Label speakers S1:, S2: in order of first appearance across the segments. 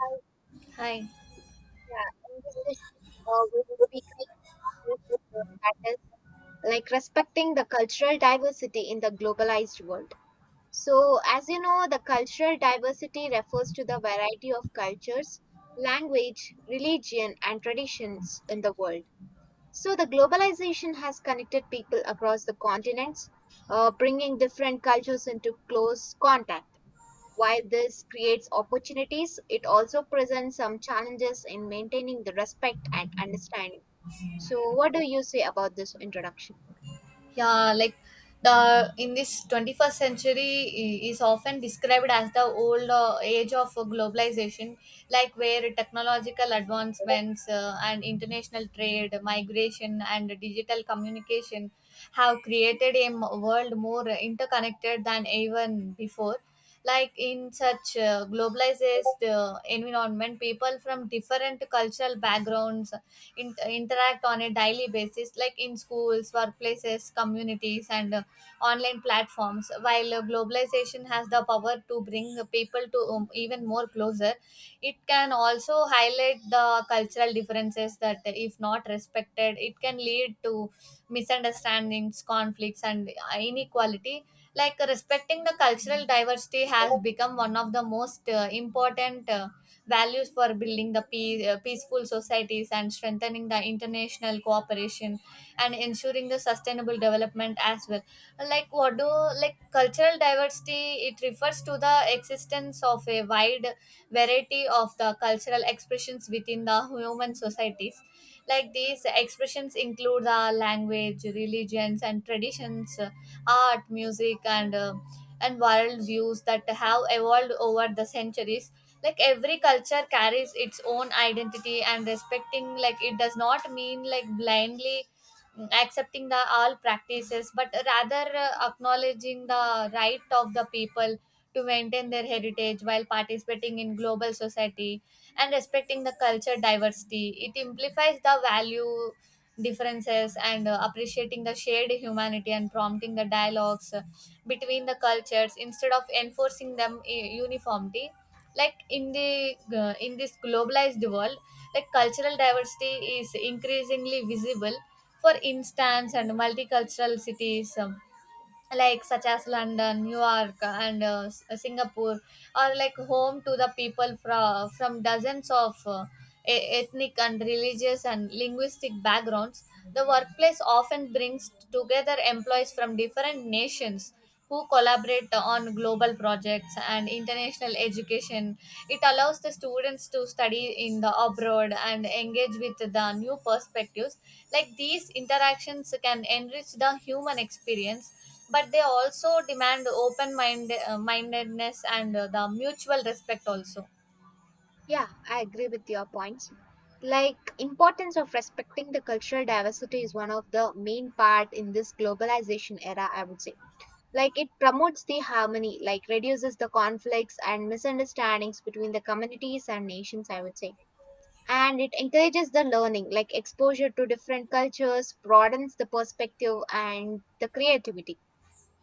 S1: Hi,
S2: Hi.
S1: yeah, in this session, we will speak about a topic, that is like respecting the cultural diversity in the globalized world. So, as you know, the cultural diversity refers to the variety of cultures, language, religion, and traditions in the world. So, the globalization has connected people across the continents, bringing different cultures into close contact. While this creates opportunities, it also presents some challenges in maintaining the respect and understanding. So, what do you say about this introduction?
S2: Yeah, like the in this 21st century is often described as the old age of globalization, like where technological advancements and international trade, migration, and digital communication have created a world more interconnected than even before. Like in such globalized environment, people from different cultural backgrounds interact on a daily basis, like in schools, workplaces, communities, and online platforms. While globalization has the power to bring people to, even more closer, it can also highlight the cultural differences that, if not respected, it can lead to misunderstandings, conflicts, and inequality. Like respecting the cultural diversity has become one of the most important values for building the peace, peaceful societies, and strengthening the international cooperation and ensuring the sustainable development as well. Like what do, like cultural diversity, it refers to the existence of a wide variety of the cultural expressions within the human societies. Like these expressions include the language, religions, and traditions, art, music, and world views that have evolved over the centuries. Like every culture carries its own identity, and respecting, like, it does not mean like blindly accepting the all practices, but rather acknowledging the right of the people to maintain their heritage while participating in global society. And respecting the culture diversity, it amplifies the value differences and appreciating the shared humanity and prompting the dialogues between the cultures instead of enforcing them uniformity. Like in the in this globalized world, like cultural diversity is increasingly visible. For instance, and multicultural cities, like such as London, New York, and Singapore, are like home to the people from dozens of ethnic and religious and linguistic backgrounds. The workplace often brings together employees from different nations who collaborate on global projects and international education. It allows the students to study in the abroad and engage with the new perspectives. Like these interactions can enrich the human experience, but they also demand open mindedness and the mutual respect also.
S1: Yeah, I agree with your points. Like importance of respecting the cultural diversity is one of the main part in this globalization era, I would say. Like it promotes the harmony, like reduces the conflicts and misunderstandings between the communities and nations, I would say, and it encourages the learning like exposure to different cultures broadens the perspective and the creativity,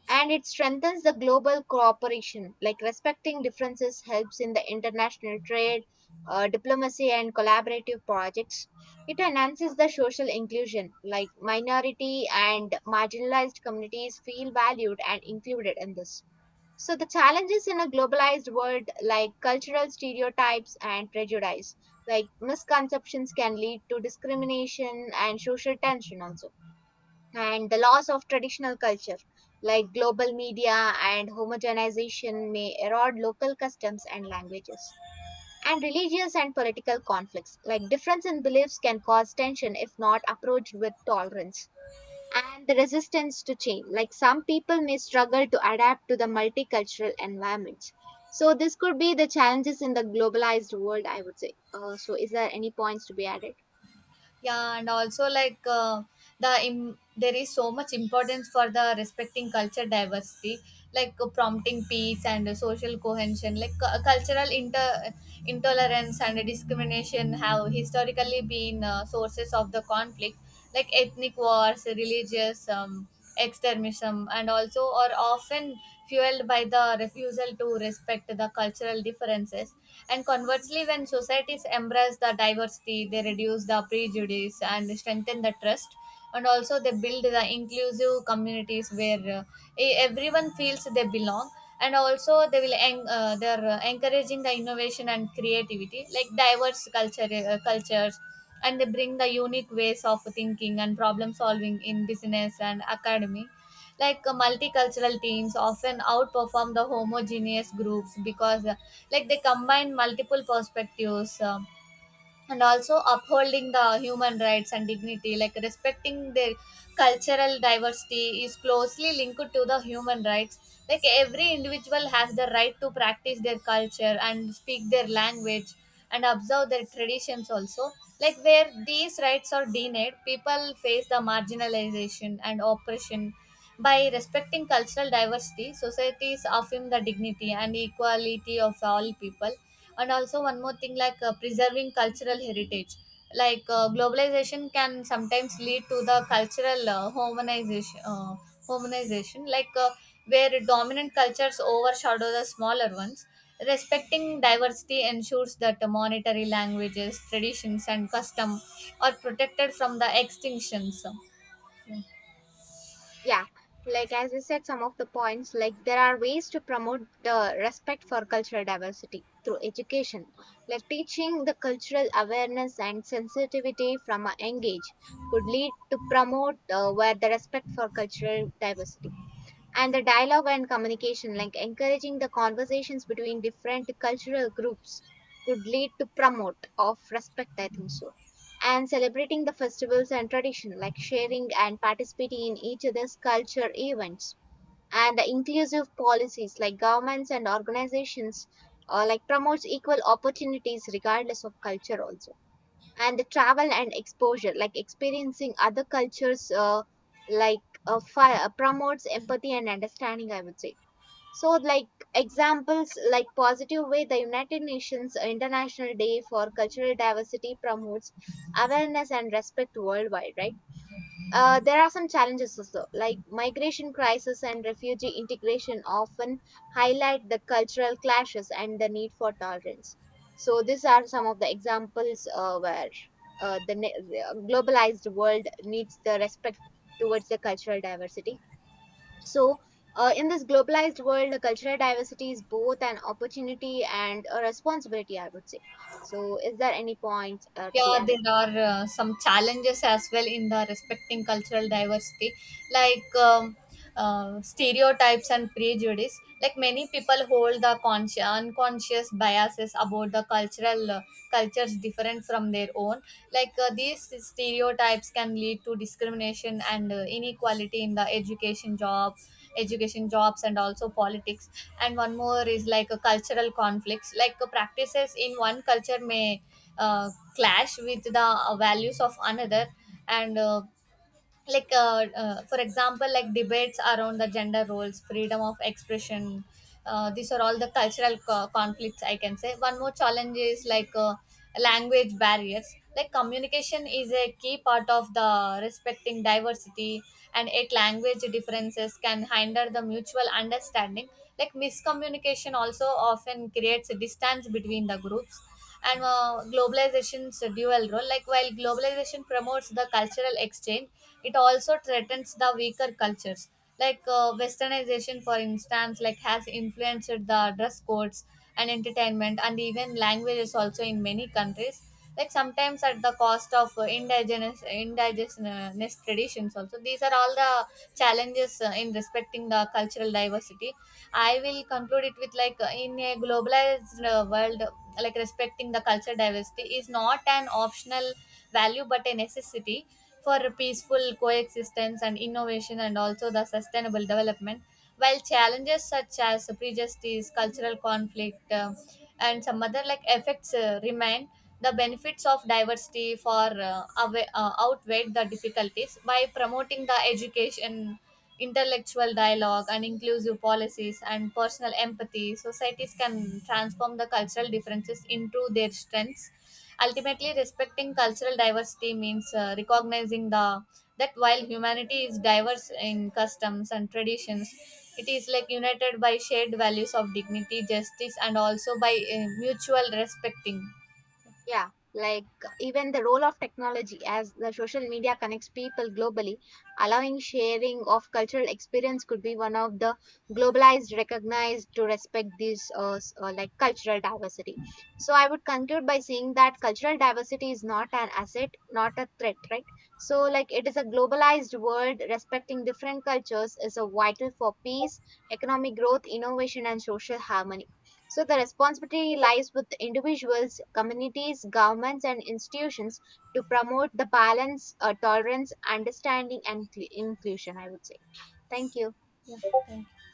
S1: and it strengthens the global cooperation like respecting differences helps in the international trade, diplomacy and collaborative projects. It enhances the social inclusion like minority and marginalized communities feel valued and included in this. So, the challenges in a globalized world, like cultural stereotypes and prejudice, like misconceptions, can lead to discrimination and social tension also. And the loss of traditional culture, like global media and homogenization, may erode local customs and languages. And religious and political conflicts, like difference in beliefs, can cause tension if not approached with tolerance and the resistance to change. Like some people may struggle to adapt to the multicultural environments. So this could be the challenges in the globalized world, I would say. So is there any points to be added?
S2: Yeah, and also like there is so much importance for the respecting culture diversity, like prompting peace and social cohesion, like cultural intolerance and discrimination have historically been sources of the conflict, like ethnic wars, religious extremism, and also are often fueled by the refusal to respect the cultural differences. And conversely, when societies embrace the diversity, they reduce the prejudice and strengthen the trust, and also they build the inclusive communities where everyone feels they belong. And also they will en- they're encouraging the innovation and creativity, like diverse cultures, and they bring the unique ways of thinking and problem solving in business and academy. Like multicultural teams often outperform the homogeneous groups because like they combine multiple perspectives. And also upholding the human rights and dignity, like respecting their cultural diversity is closely linked to the human rights. Like every individual has the right to practice their culture and speak their language and observe their traditions also. Like where these rights are denied, people face the marginalization and oppression. By respecting cultural diversity, societies affirm the dignity and equality of all people. And also one more thing, like preserving cultural heritage. Like globalization can sometimes lead to the cultural homogenization, like where dominant cultures overshadow the smaller ones. Respecting diversity ensures that the monetary languages, traditions, and custom are protected from the extinctions. Yeah.
S1: Yeah, like as I said, some of the points like there are ways to promote the respect for cultural diversity through education, like teaching the cultural awareness and sensitivity from a young age could lead to promote where the respect for cultural diversity, and the dialogue and communication like encouraging the conversations between different cultural groups could lead to promote of respect, I think so. And celebrating the festivals and tradition like sharing and participating in each other's culture events, and the inclusive policies like governments and organizations, like promotes equal opportunities regardless of culture also, and the travel and exposure like experiencing other cultures, like promotes empathy and understanding, I would say. So like examples like positive way, the United Nations International Day for Cultural Diversity promotes awareness and respect worldwide, right? There are some challenges also, like migration crisis and refugee integration often highlight the cultural clashes and the need for tolerance. So these are some of the examples where the globalized world needs the respect towards the cultural diversity. So in this globalized world, the cultural diversity is both an opportunity and a responsibility, I would say. So is there any point to be
S2: Yeah,
S1: added?
S2: there are some challenges as well in the respecting cultural diversity, like stereotypes and prejudice. Like many people hold the conscious, unconscious biases about the cultural cultures different from their own. Like these stereotypes can lead to discrimination and inequality in education jobs, and also politics. And one more is like a cultural conflicts. Like practices in one culture may uh, clash with the values of another, and for example, like debates around the gender roles, freedom of expression, these are all the cultural conflicts, I can say. One more challenge is like language barriers. Like communication is a key part of the respecting diversity, and yet language differences can hinder the mutual understanding. Like miscommunication also often creates a distance between the groups. And globalization's dual role, like while globalization promotes the cultural exchange, it also threatens the weaker cultures. Like westernization, for instance, like has influenced the dress codes and entertainment and even languages also in many countries, like sometimes at the cost of indigenous traditions also. These are all the challenges in respecting the cultural diversity. I will conclude it with, like in a globalized world, like respecting the cultural diversity is not an optional value but a necessity for peaceful coexistence and innovation and also the sustainable development. While challenges such as prejudice, cultural conflict, and some other like effects remain, the benefits of diversity outweigh the difficulties. By promoting the education, intellectual dialogue, and inclusive policies and personal empathy, societies can transform the cultural differences into their strengths. Ultimately, respecting cultural diversity means recognizing the that while humanity is diverse in customs and traditions, it is like united by shared values of dignity, justice, and also by mutual respecting.
S1: Yeah, like even the role of technology as the social media connects people globally, allowing sharing of cultural experience could be one of the globalized recognized to respect these like cultural diversity. So I would conclude by saying that cultural diversity is not an asset, not a threat, right? So like it is a globalized world, respecting different cultures is a vital for peace, economic growth, innovation and social harmony. So the responsibility lies with individuals, communities, governments, and institutions to promote the balance, tolerance, understanding, and inclusion, I would say. Thank you.
S2: Yeah, thank you.